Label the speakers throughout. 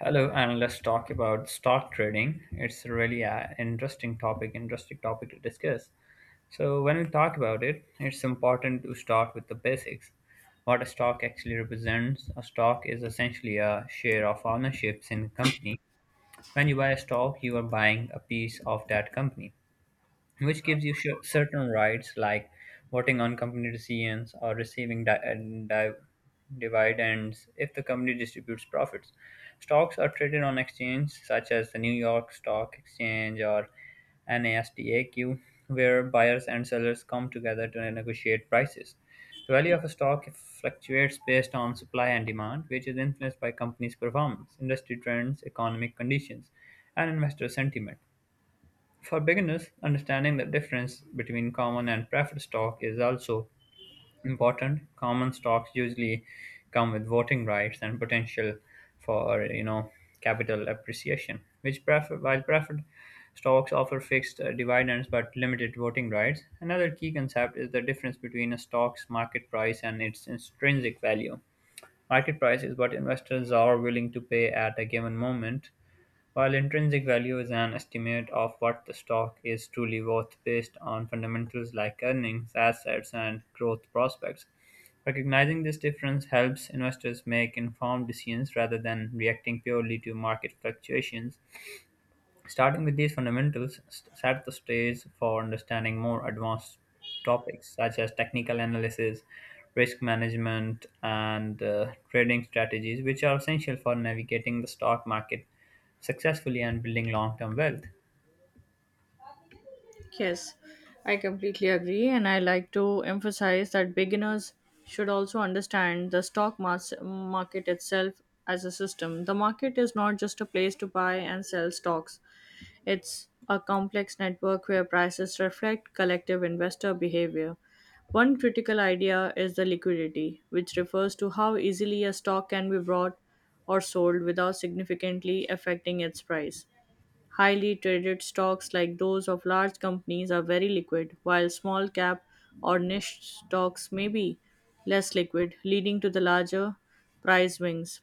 Speaker 1: Hello, and let's talk about stock trading. It's really an interesting topic to discuss. So, when we talk about it, it's important to start with the basics. What a stock actually represents a stock is essentially a share of ownerships in a company. When you buy a stock, you are buying a piece of that company which gives you certain rights like voting on company decisions or receiving dividends if the company distributes profits. Stocks are traded on exchange such as the New York Stock Exchange or NASDAQ, where buyers and sellers come together to negotiate prices. The value of a stock fluctuates based on supply and demand, which is influenced by companies' performance, industry trends, economic conditions, and investor sentiment. For beginners, understanding the difference between common and preferred stock is also important. Common stocks usually come with voting rights and potential for capital appreciation, while preferred stocks offer fixed dividends but limited voting rights. Another key concept is the difference between a stock's market price and its intrinsic value. Market price is what investors are willing to pay at a given moment, while intrinsic value is an estimate of what the stock is truly worth based on fundamentals like earnings, assets, and growth prospects. Recognizing this difference helps investors make informed decisions rather than reacting purely to market fluctuations. Starting with these fundamentals set the stage for understanding more advanced topics such as technical analysis, risk management, and trading strategies, which are essential for navigating the stock market successfully and building long term wealth.
Speaker 2: Yes, I completely agree, and I like to emphasize that beginners should also understand the stock market itself as a system. The market is not just a place to buy and sell stocks, it's a complex network where prices reflect collective investor behavior. One critical idea is the liquidity, which refers to how easily a stock can be bought or sold without significantly affecting its price. Highly traded stocks like those of large companies are very liquid, while small cap or niche stocks may be less liquid, leading to the larger price swings.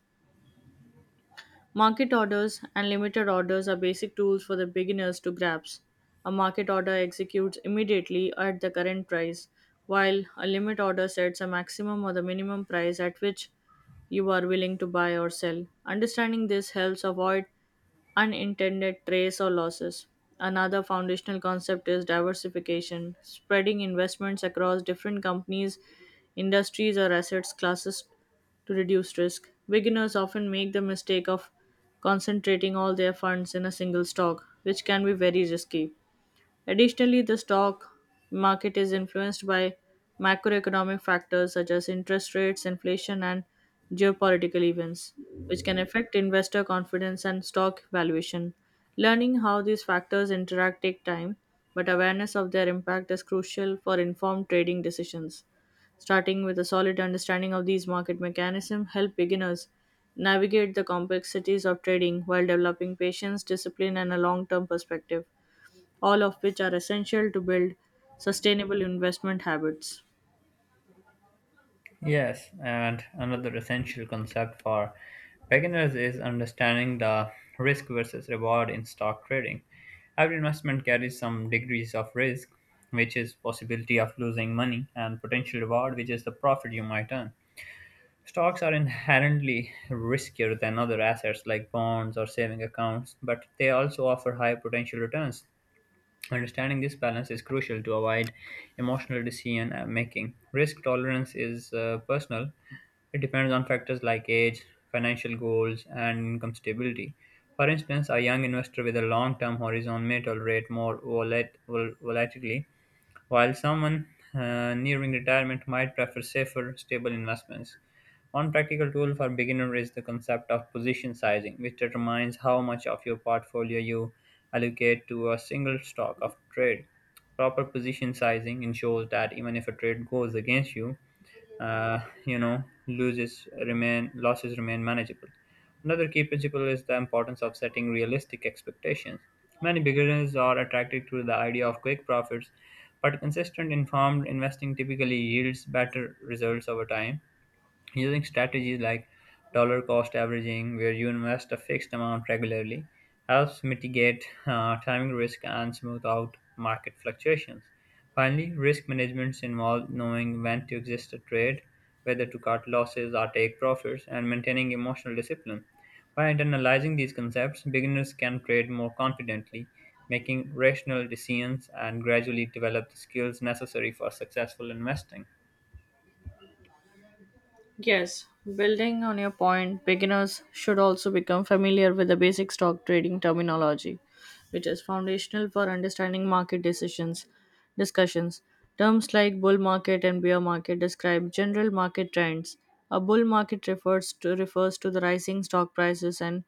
Speaker 2: Market orders and limited orders are basic tools for the beginners to grasp. A market order executes immediately at the current price, while a limit order sets a maximum or the minimum price at which you are willing to buy or sell. Understanding this helps avoid unintended trades or losses. Another foundational concept is diversification, spreading investments across different companies, industries, or assets classes to reduce risk. Beginners often make the mistake of concentrating all their funds in a single stock, which can be very risky. Additionally, the stock market is influenced by macroeconomic factors such as interest rates, inflation, and geopolitical events, which can affect investor confidence and stock valuation. Learning how these factors interact take time, but awareness of their impact is crucial for informed trading decisions. Starting with a solid understanding of these market mechanisms help beginners navigate the complexities of trading while developing patience, discipline, and a long-term perspective, all of which are essential to build sustainable investment habits.
Speaker 1: Yes, and another essential concept for beginners is understanding the risk versus reward in stock trading. Every investment carries some degrees of risk, which is possibility of losing money, and potential reward, which is the profit you might earn. Stocks are inherently riskier than other assets like bonds or saving accounts, but they also offer high potential returns. Understanding this balance is crucial to avoid emotional decision making. Risk tolerance is personal, it depends on factors like age, financial goals, and income stability. For instance, a young investor with a long term horizon may tolerate more volatility, while someone nearing retirement might prefer safer, stable investments. One practical tool for beginners is the concept of position sizing, which determines how much of your portfolio you allocate to a single stock of trade. Proper position sizing ensures that even if a trade goes against you, uh, you know loses remain losses remain manageable. Another key principle is the importance of setting realistic expectations. Many beginners are attracted to the idea of quick profits, but consistent informed investing typically yields better results over time. Using strategies like dollar cost averaging, where you invest a fixed amount regularly, helps mitigate timing risk and smooth out market fluctuations. Finally, risk management involves knowing when to exit a trade, whether to cut losses or take profits, and maintaining emotional discipline. By internalizing these concepts, beginners can trade more confidently, making rational decisions, and gradually develop the skills necessary for successful investing.
Speaker 2: Yes, building on your point, beginners should also become familiar with the basic stock trading terminology, which is foundational for understanding market decisions discussions. Terms like bull market and bear market describe general market trends. A bull market refers to the rising stock prices and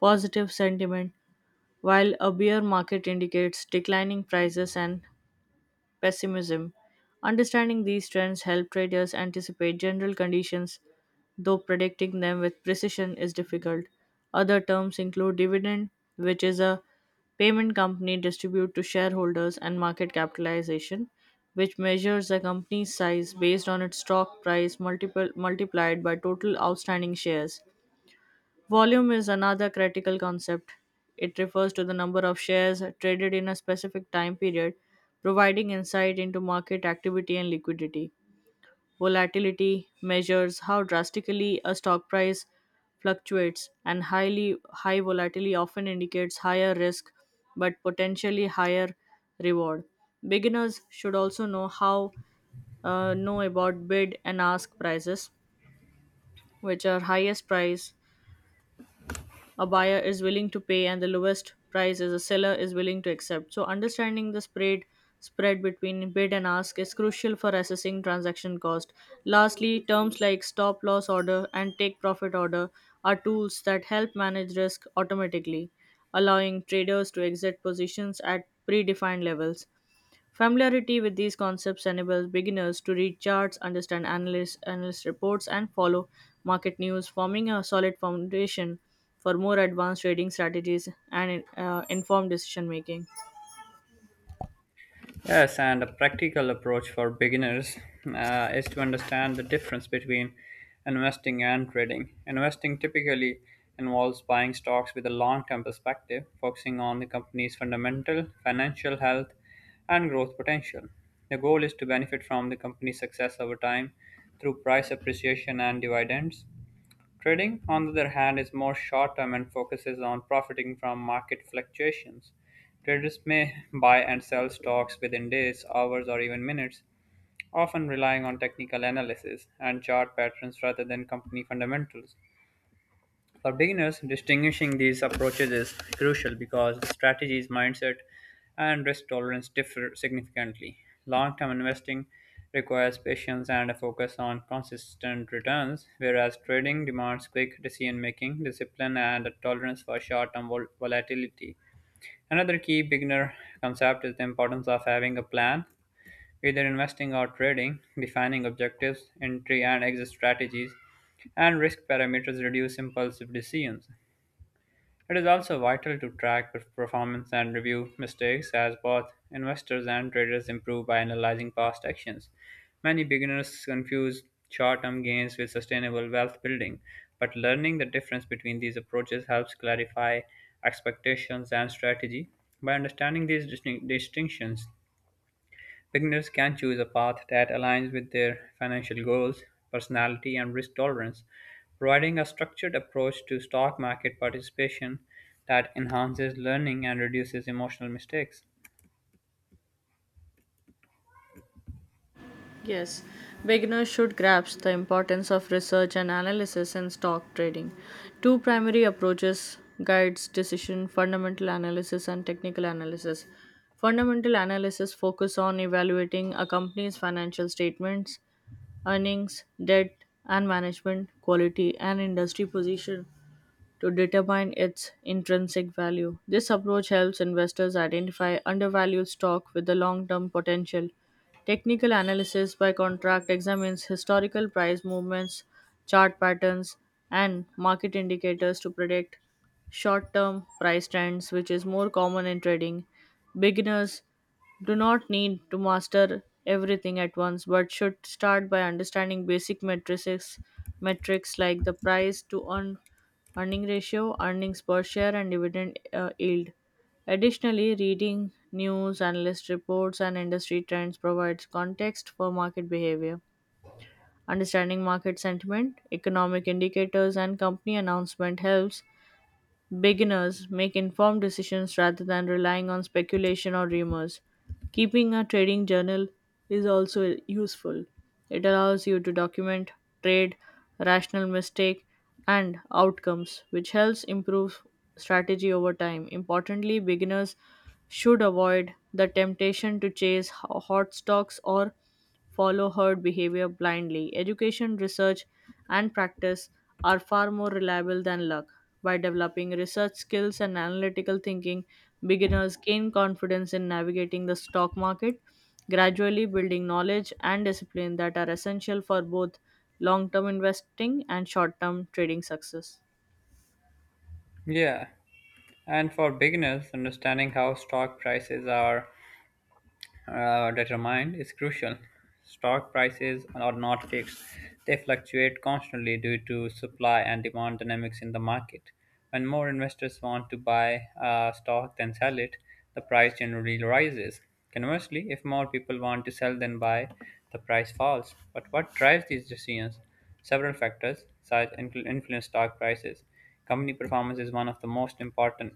Speaker 2: positive sentiment, while a bear market indicates declining prices and pessimism. Understanding these trends help traders anticipate general conditions, though predicting them with precision is difficult. Other terms include dividend, which is a payment company distribute to shareholders, and market capitalization, which measures a company's size based on its stock price multiplied by total outstanding shares. Volume is another critical concept. It refers to the number of shares traded in a specific time period, providing insight into market activity and liquidity. Volatility measures how drastically a stock price fluctuates, and high volatility often indicates higher risk but potentially higher reward. Beginners should also know about bid and ask prices, which are highest price a buyer is willing to pay and the lowest price is a seller is willing to accept. So understanding the spread between bid and ask is crucial for assessing transaction cost. Lastly, terms like stop loss order and take profit order are tools that help manage risk automatically, allowing traders to exit positions at predefined levels. Familiarity with these concepts enables beginners to read charts, understand analyst reports, and follow market news, forming a solid foundation for more advanced trading strategies and informed decision making.
Speaker 1: Yes, and a practical approach for beginners is to understand the difference between investing and trading. Investing typically involves buying stocks with a long term perspective, focusing on the company's fundamental, financial health, and growth potential. The goal is to benefit from the company's success over time through price appreciation and dividends. Trading, on the other hand, is more short-term and focuses on profiting from market fluctuations. Traders may buy and sell stocks within days, hours, or even minutes, often relying on technical analysis and chart patterns rather than company fundamentals. For beginners, distinguishing these approaches is crucial because strategies, mindset, and risk tolerance differ significantly. Long term investing requires patience and a focus on consistent returns, whereas trading demands quick decision making, discipline, and a tolerance for short term volatility. Another key beginner concept is the importance of having a plan, either investing or trading, defining objectives, entry and exit strategies, and risk parameters reduce impulsive decisions. It is also vital to track performance and review mistakes as both investors and traders improve by analyzing past actions. Many beginners confuse short term gains with sustainable wealth building, but learning the difference between these approaches helps clarify expectations and strategy. By understanding these distinctions, beginners can choose a path that aligns with their financial goals, personality, and risk tolerance, providing a structured approach to stock market participation that enhances learning and reduces emotional mistakes.
Speaker 2: Yes, beginners should grasp the importance of research and analysis in stock trading. Two primary approaches guides decision fundamental analysis and technical analysis. Fundamental analysis focus on evaluating a company's financial statements earnings, debt and management, quality and industry position to determine its intrinsic value. This approach helps investors identify undervalued stock with the long term potential. Technical analysis by contract examines historical price movements, chart patterns, and market indicators to predict short term price trends, which is more common in trading. Beginners do not need to master everything at once but should start by understanding basic matrices metrics like the price to earning ratio, earnings per share, and dividend yield. Additionally, reading news, analyst reports, and industry trends provides context for market behavior. Understanding market sentiment, economic indicators, and company announcement helps beginners make informed decisions rather than relying on speculation or rumors. Keeping a trading journal is also useful. It allows you to document trade, rational mistake, and outcomes, which helps improve strategy over time. Importantly, beginners should avoid the temptation to chase hot stocks or follow herd behavior blindly. Education, research, and practice are far more reliable than luck. By developing research skills and analytical thinking, beginners gain confidence in navigating the stock market, gradually building knowledge and discipline that are essential for both long term investing and short term trading success.
Speaker 1: Yeah, and for beginners, understanding how stock prices are determined is crucial. Stock prices are not fixed, they fluctuate constantly due to supply and demand dynamics in the market. When more investors want to buy a stock than sell it, the price generally rises. Conversely, if more people want to sell than buy, the price falls. But what drives these decisions? Several factors such influence stock prices. Company performance is one of the most important.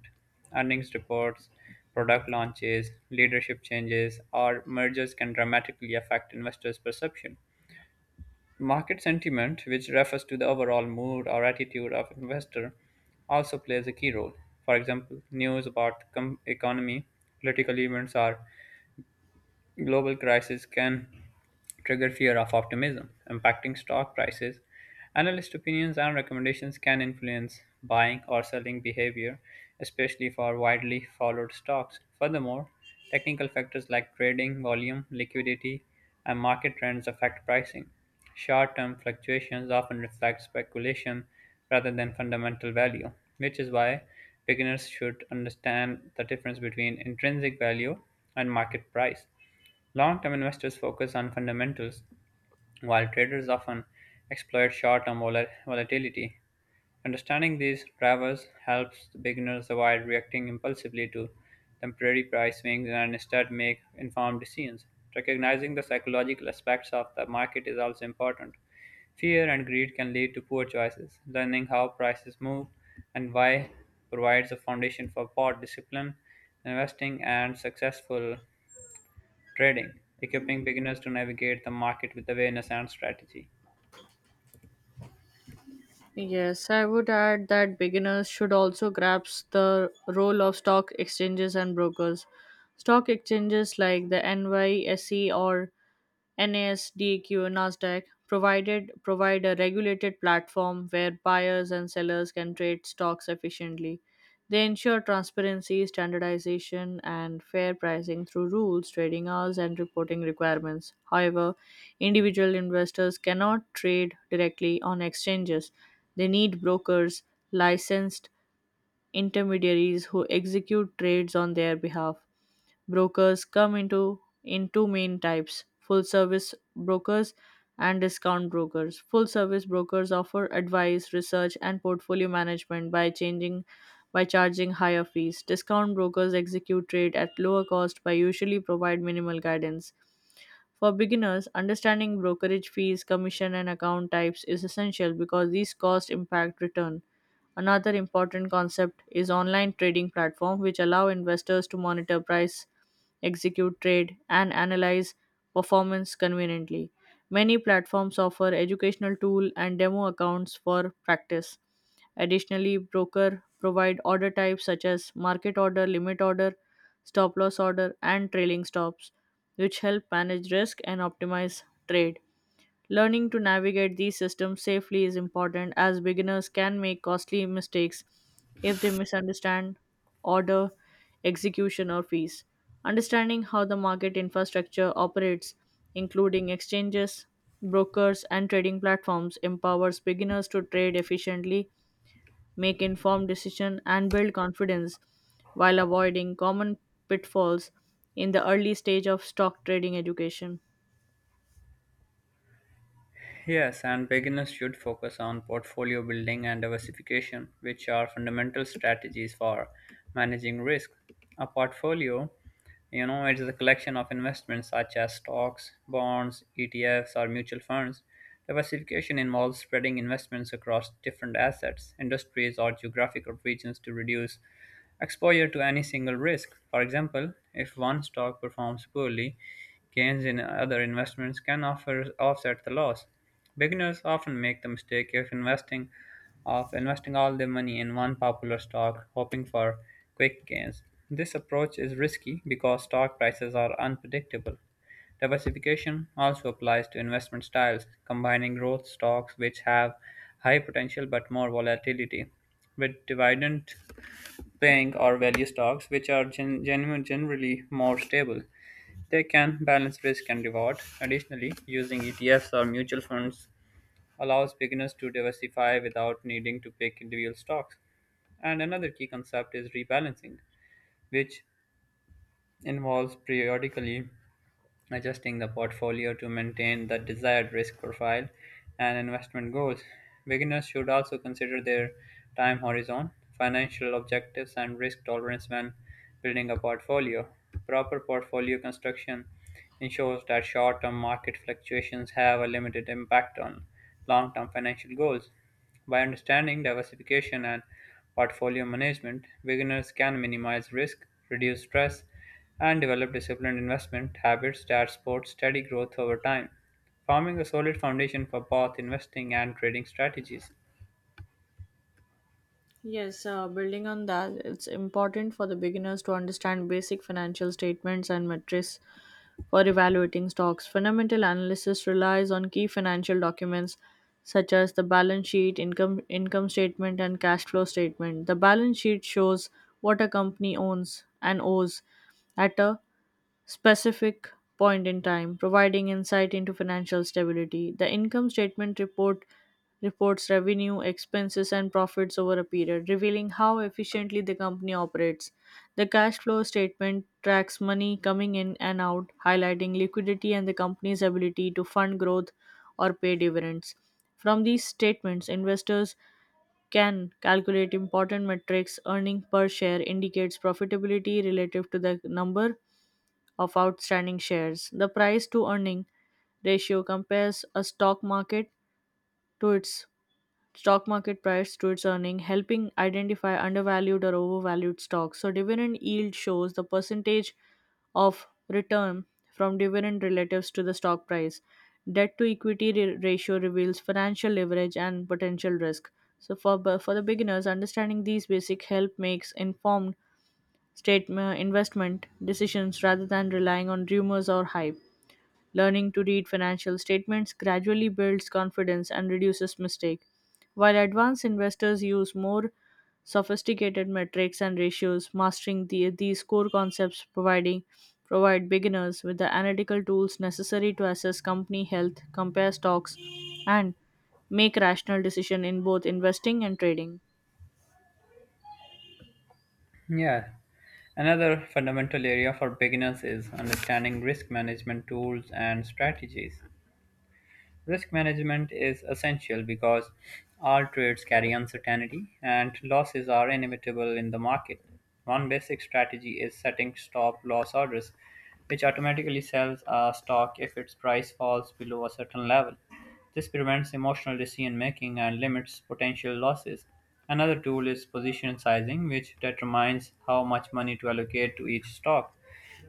Speaker 1: Earnings reports, product launches, leadership changes, or mergers can dramatically affect investors' perception. Market sentiment, which refers to the overall mood or attitude of investor, also plays a key role. For example, news about economy, political events, or global crisis can trigger fear of optimism, impacting stock prices. Analyst opinions and recommendations can influence buying or selling behavior, especially for widely followed stocks. Furthermore, technical factors like trading volume, liquidity, and market trends affect pricing. Short term fluctuations often reflect speculation rather than fundamental value, which is why beginners should understand the difference between intrinsic value and market price. Long-term investors focus on fundamentals, while traders often exploit short-term volatility. Understanding these drivers helps beginners avoid reacting impulsively to temporary price swings and instead make informed decisions. Recognizing the psychological aspects of the market is also important. Fear and greed can lead to poor choices. Learning how prices move and why provides a foundation for both discipline, investing, and successful trading, equipping beginners to navigate the market with awareness and strategy.
Speaker 2: Yes, I would add that beginners should also grasp the role of stock exchanges and brokers. Stock exchanges like the NYSE or Nasdaq provide a regulated platform where buyers and sellers can trade stocks efficiently. They ensure transparency, standardization, and fair pricing through rules, trading hours, and reporting requirements. However, individual investors cannot trade directly on exchanges. They need brokers, licensed intermediaries who execute trades on their behalf. Brokers come into in two main types: full service brokers and discount brokers. Full service brokers offer advice, research and portfolio management by charging higher fees. Discount brokers execute trade at lower cost by usually provide minimal guidance. For beginners, understanding brokerage fees, commission and account types is essential because these costs impact return. Another important concept is online trading platform which allow investors to monitor price, execute trade and analyze performance conveniently. Many platforms offer educational tool and demo accounts for practice. Additionally, broker provide order types such as market order, limit order, stop loss order and trailing stops which help manage risk and optimize trade. Learning to navigate these systems safely is important as beginners can make costly mistakes if they misunderstand order, execution, or fees. Understanding how the market infrastructure operates, including exchanges, brokers, and trading platforms, empowers beginners to trade efficiently, make informed decisions, and build confidence while avoiding common pitfalls in the early stage of stock trading education.
Speaker 1: Yes, and beginners should focus on portfolio building and diversification, which are fundamental strategies for managing risk. A portfolio, it is a collection of investments such as stocks, bonds, ETFs, or mutual funds. Diversification involves spreading investments across different assets, industries, or geographical regions to reduce exposure to any single risk. For example, if one stock performs poorly, gains in other investments can offset the loss. Beginners often make the mistake of investing all their money in one popular stock, hoping for quick gains. This approach is risky because stock prices are unpredictable. Diversification also applies to investment styles, combining growth stocks which have high potential but more volatility with dividend paying or value stocks which are generally more stable. They can balance risk and reward. Additionally, using ETFs or mutual funds allows beginners to diversify without needing to pick individual stocks. And another key concept is rebalancing, which involves periodically adjusting the portfolio to maintain the desired risk profile and investment goals. Beginners should also consider their time horizon, financial objectives, and risk tolerance when building a portfolio. Proper portfolio construction ensures that short term market fluctuations have a limited impact on long term financial goals. By understanding diversification and portfolio management, beginners can minimize risk, reduce stress, and develop disciplined investment habits that support steady growth over time, forming a solid foundation for both investing and trading strategies.
Speaker 2: Yes, building on that, it's important for the beginners to understand basic financial statements and metrics for evaluating stocks. Fundamental analysis relies on key financial documents such as the balance sheet, income statement, and cash flow statement. The balance sheet shows what a company owns and owes at a specific point in time, providing insight into financial stability. The income statement reports revenue, expenses, and profits over a period, revealing how efficiently the company operates. The cash flow statement tracks money coming in and out, highlighting liquidity and the company's ability to fund growth or pay dividends. From these statements, investors can calculate important metrics. Earning per share indicates profitability relative to the number of outstanding shares. The price to earning ratio compares a stock market to its stock market price to its earning, helping identify undervalued or overvalued stocks. So dividend yield shows the percentage of return from dividend relatives to the stock price. Debt to equity ratio reveals financial leverage and potential risk. So for the beginners, understanding these basic help makes informed state investment decisions rather than relying on rumors or hype. Learning to read financial statements gradually builds confidence and reduces mistake. While advanced investors use more sophisticated metrics and ratios, mastering these core concepts providing provide beginners with the analytical tools necessary to assess company health, compare stocks, and make rational decision in both investing and trading.
Speaker 1: Yeah. Another fundamental area for beginners is understanding risk management tools and strategies. Risk management is essential because all trades carry uncertainty and losses are inevitable in the market. One basic strategy is setting stop loss orders, which automatically sells a stock if its price falls below a certain level. This prevents emotional decision making and limits potential losses. Another tool is position sizing, which determines how much money to allocate to each stock.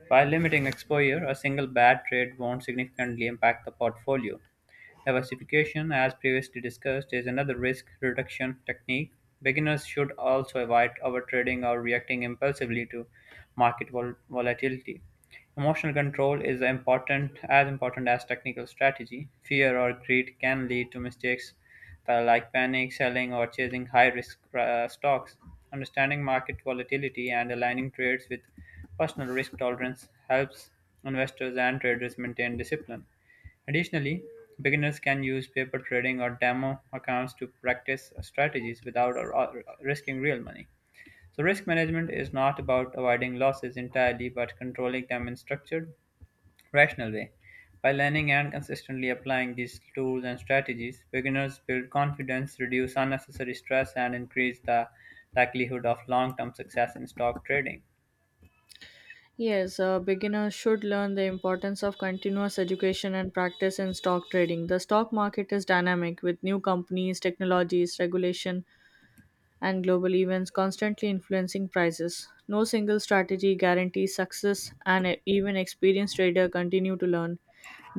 Speaker 1: By limiting exposure, a single bad trade won't significantly impact the portfolio. Diversification, as previously discussed, is another risk reduction technique. Beginners should also avoid overtrading or reacting impulsively to market volatility. Emotional control is important as technical strategy. Fear or greed can lead to mistakes like panic selling or chasing high-risk stocks. Understanding market volatility and aligning trades with personal risk tolerance helps investors and traders maintain discipline. Additionally, beginners can use paper trading or demo accounts to practice strategies without risking real money. So, risk management is not about avoiding losses entirely but controlling them in structured rational way. By learning and consistently applying these tools and strategies, beginners build confidence, reduce unnecessary stress, and increase the likelihood of long term success in stock trading.
Speaker 2: Yes, a beginner should learn the importance of continuous education and practice in stock trading. The stock market is dynamic with new companies, technologies, regulation, and global events constantly influencing prices. No single strategy guarantees success, and even experienced traders continue to learn.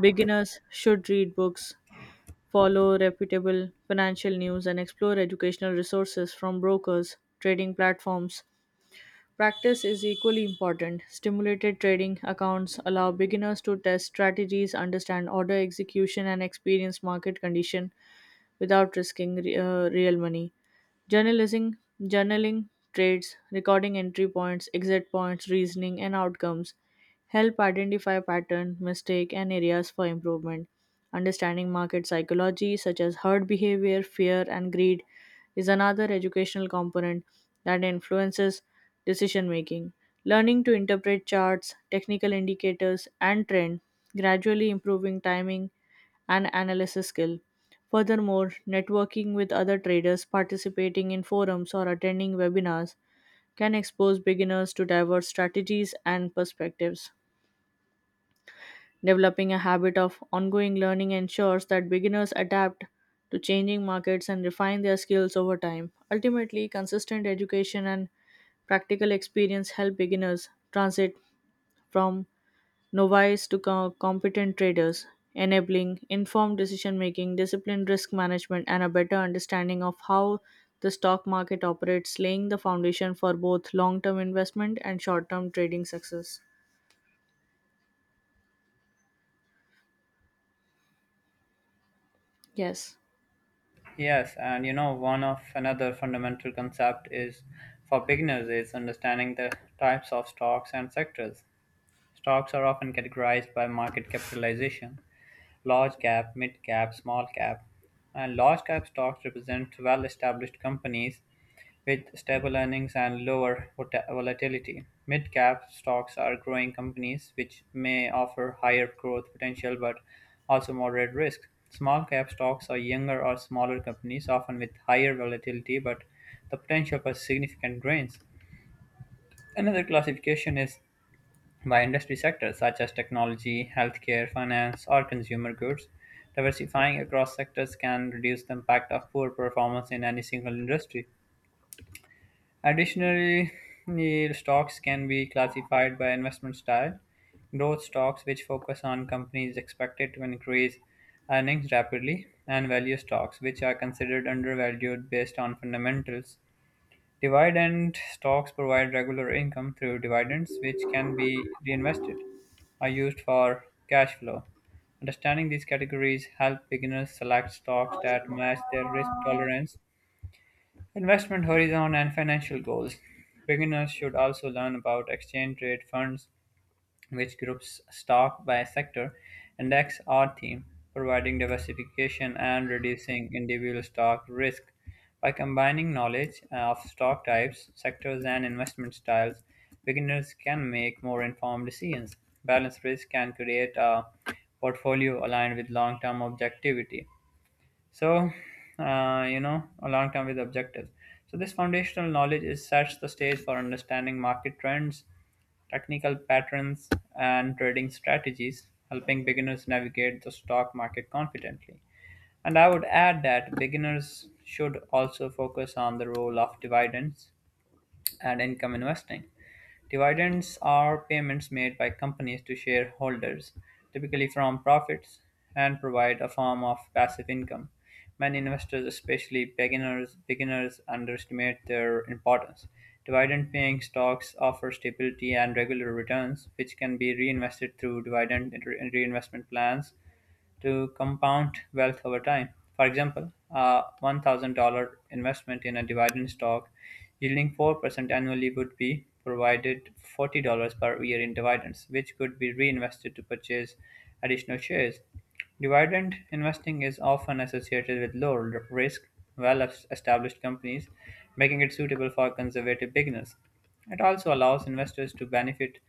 Speaker 2: Beginners should read books, follow reputable financial news, and explore educational resources from brokers, trading platforms. Practice is equally important. Stimulated trading accounts allow beginners to test strategies, understand order execution, and experience market condition without risking real money. Journalism, journaling trades, recording entry points, exit points, reasoning, and outcomes help identify pattern, mistake, and areas for improvement. Understanding market psychology, such as herd behavior, fear, and greed, is another educational component that influences decision making. Learning to interpret charts, technical indicators, and trend, gradually improving timing and analysis skill. Furthermore, networking with other traders, participating in forums, or attending webinars can expose beginners to diverse strategies and perspectives. Developing a habit of ongoing learning ensures that beginners adapt to changing markets and refine their skills over time. Ultimately, consistent education and practical experience help beginners transit from novice to competent traders, enabling informed decision making, disciplined risk management, and a better understanding of how the stock market operates, laying the foundation for both long term investment and short term trading success. Yes.
Speaker 1: Yes, and you know, one of another fundamental concept is for beginners is understanding the types of stocks and sectors. Stocks are often categorized by market capitalization: large cap, mid cap, small cap. And large cap stocks represent well-established companies with stable earnings and lower volatility. Mid cap stocks are growing companies which may offer higher growth potential but also moderate risk. Small cap stocks are younger or smaller companies, often with higher volatility but the potential for significant gains. Another classification is by industry sectors such as technology, healthcare, finance, or consumer goods. Diversifying across sectors can reduce the impact of poor performance in any single industry. Additionally, the stocks can be classified by investment style. Growth stocks, which focus on companies expected to increase earnings rapidly, and value stocks, which are considered undervalued based on fundamentals. Dividend stocks provide regular income through dividends, which can be reinvested or used for cash flow. Understanding these categories help beginners select stocks that match their risk tolerance, investment horizon, and financial goals. Beginners should also learn about exchange rate funds, which groups stock by sector, index, or theme, providing diversification and reducing individual stock risk. By combining knowledge of stock types, sectors, and investment styles, beginners can make more informed decisions. Balanced risk can create a portfolio aligned with long term objectivity. So, a long term with objectives. So, this foundational knowledge is sets the stage for understanding market trends, technical patterns, and trading strategies, helping beginners navigate the stock market confidently. And I would add that beginners should also focus on the role of dividends and income investing. Dividends are payments made by companies to shareholders, typically from profits, and provide a form of passive income. Many investors, especially beginners underestimate their importance. Dividend paying stocks offer stability and regular returns, which can be reinvested through dividend reinvestment plans to compound wealth over time. For example, a $1,000 investment in a dividend stock yielding 4% annually would be provided $40 per year in dividends, which could be reinvested to purchase additional shares. Dividend investing is often associated with risk, established companies, making it suitable for conservative beginners. It also allows investors to benefit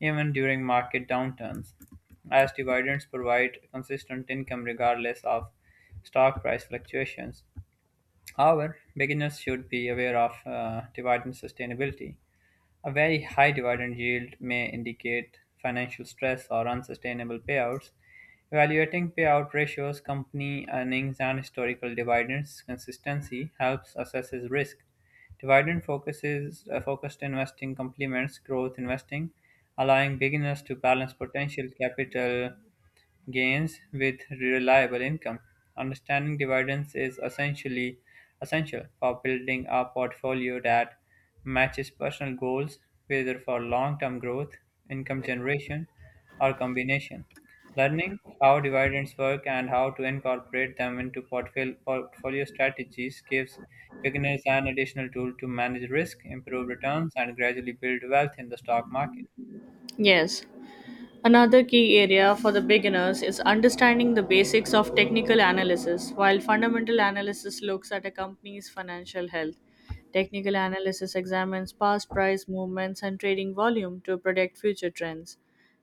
Speaker 1: even during market downturns, as dividends provide consistent income regardless of stock price fluctuations. However, beginners should be aware of dividend sustainability. A very high dividend yield may indicate financial stress or unsustainable payouts. Evaluating payout ratios, company earnings, and historical dividends consistency helps assesses risk. Dividend focuses focused investing complements growth investing, allowing beginners to balance potential capital gains with reliable income. Understanding dividends is essential for building a portfolio that matches personal goals, whether for long-term growth, income generation, or combination. Learning how dividends work and how to incorporate them into portfolio strategies gives beginners an additional tool to manage risk, improve returns, and gradually build wealth in the stock market.
Speaker 2: Yes. Another key area for the beginners is understanding the basics of technical analysis. While fundamental analysis looks at a company's financial health, technical analysis examines past price movements and trading volume to predict future trends.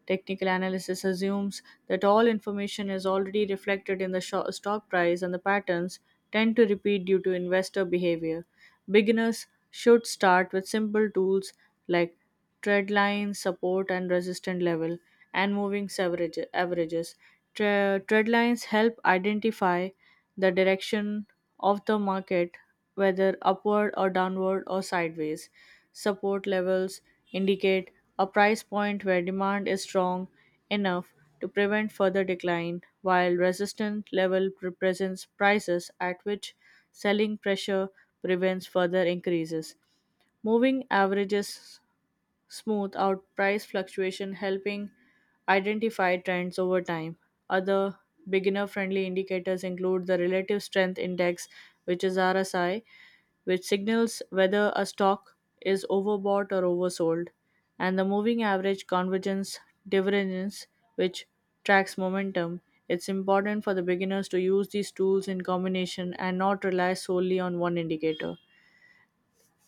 Speaker 2: Technical analysis assumes that all information is already reflected in the stock price and the patterns tend to repeat due to investor behavior. Beginners should start with simple tools like trend lines, support and resistance level, and averages. Trend lines help identify the direction of the market, whether upward or downward or sideways. Support levels indicate a price point where demand is strong enough to prevent further decline, while resistance level represents prices at which selling pressure prevents further increases. Moving averages smooth out price fluctuation, helping identify trends over time. Other beginner friendly indicators include the relative strength index, which is RSI, which signals whether a stock is overbought or oversold, and the moving average convergence divergence, which tracks momentum. It's important for the beginners to use these tools in combination and not rely solely on one indicator.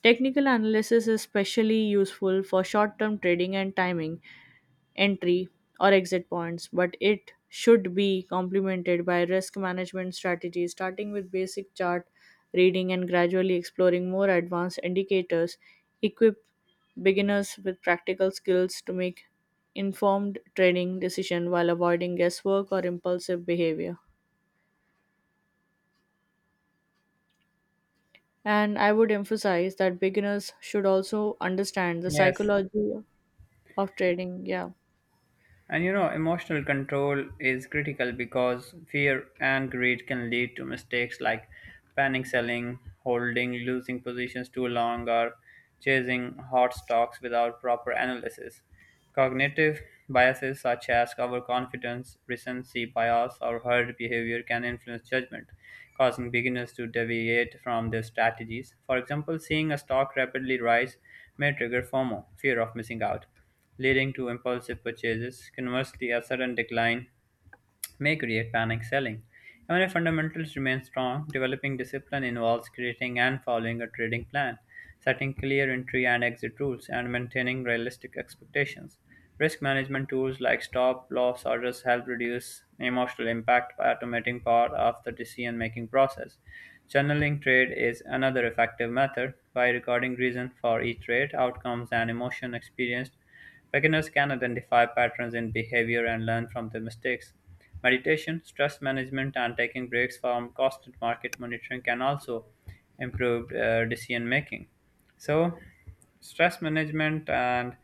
Speaker 2: Technical analysis is especially useful for short term trading and timing, entry or exit points, but it should be complemented by risk management strategies, starting with basic chart reading and gradually exploring more advanced indicators. Equip beginners with practical skills to make informed trading decisions while avoiding guesswork or impulsive behavior. And I would emphasize that beginners should also understand the
Speaker 1: Yes,
Speaker 2: psychology of trading. Yeah.
Speaker 1: and you know, emotional control is critical because fear and greed can lead to mistakes like panic selling, holding losing positions too long, or chasing hot stocks without proper analysis. Cognitive biases such as overconfidence, recency bias, or herd behavior can influence judgment, causing beginners to deviate from their strategies. For example, seeing a stock rapidly rise may trigger FOMO, fear of missing out leading to impulsive purchases. Conversely, a sudden decline may create panic selling. Even if fundamentals remain strong, developing discipline involves creating and following a trading plan, setting clear entry and exit rules, and maintaining realistic expectations. Risk management tools like stop loss orders help reduce emotional impact by automating part of the decision making process. Channeling trade is another effective method by recording reason for each trade, outcomes, and emotion experienced. Beginners can identify patterns in behavior and learn from their mistakes. Meditation, stress management, and taking breaks from constant market monitoring can also improve decision making. So, stress management and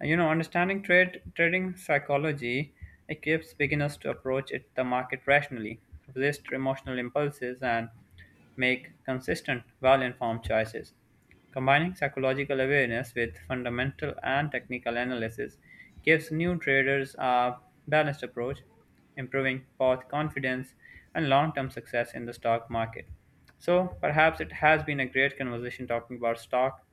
Speaker 1: understanding trade trading psychology equips beginners to approach it the market rationally, resist emotional impulses, and make consistent, well-informed choices. Combining psychological awareness with fundamental and technical analysis gives new traders a balanced approach, improving both confidence and long-term success in the stock market. So perhaps it has been a great conversation talking about stock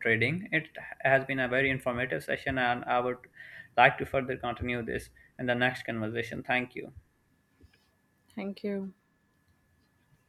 Speaker 1: trading. It has been a very informative session and I would like to further continue this in the next conversation. Thank you.
Speaker 2: Thank you.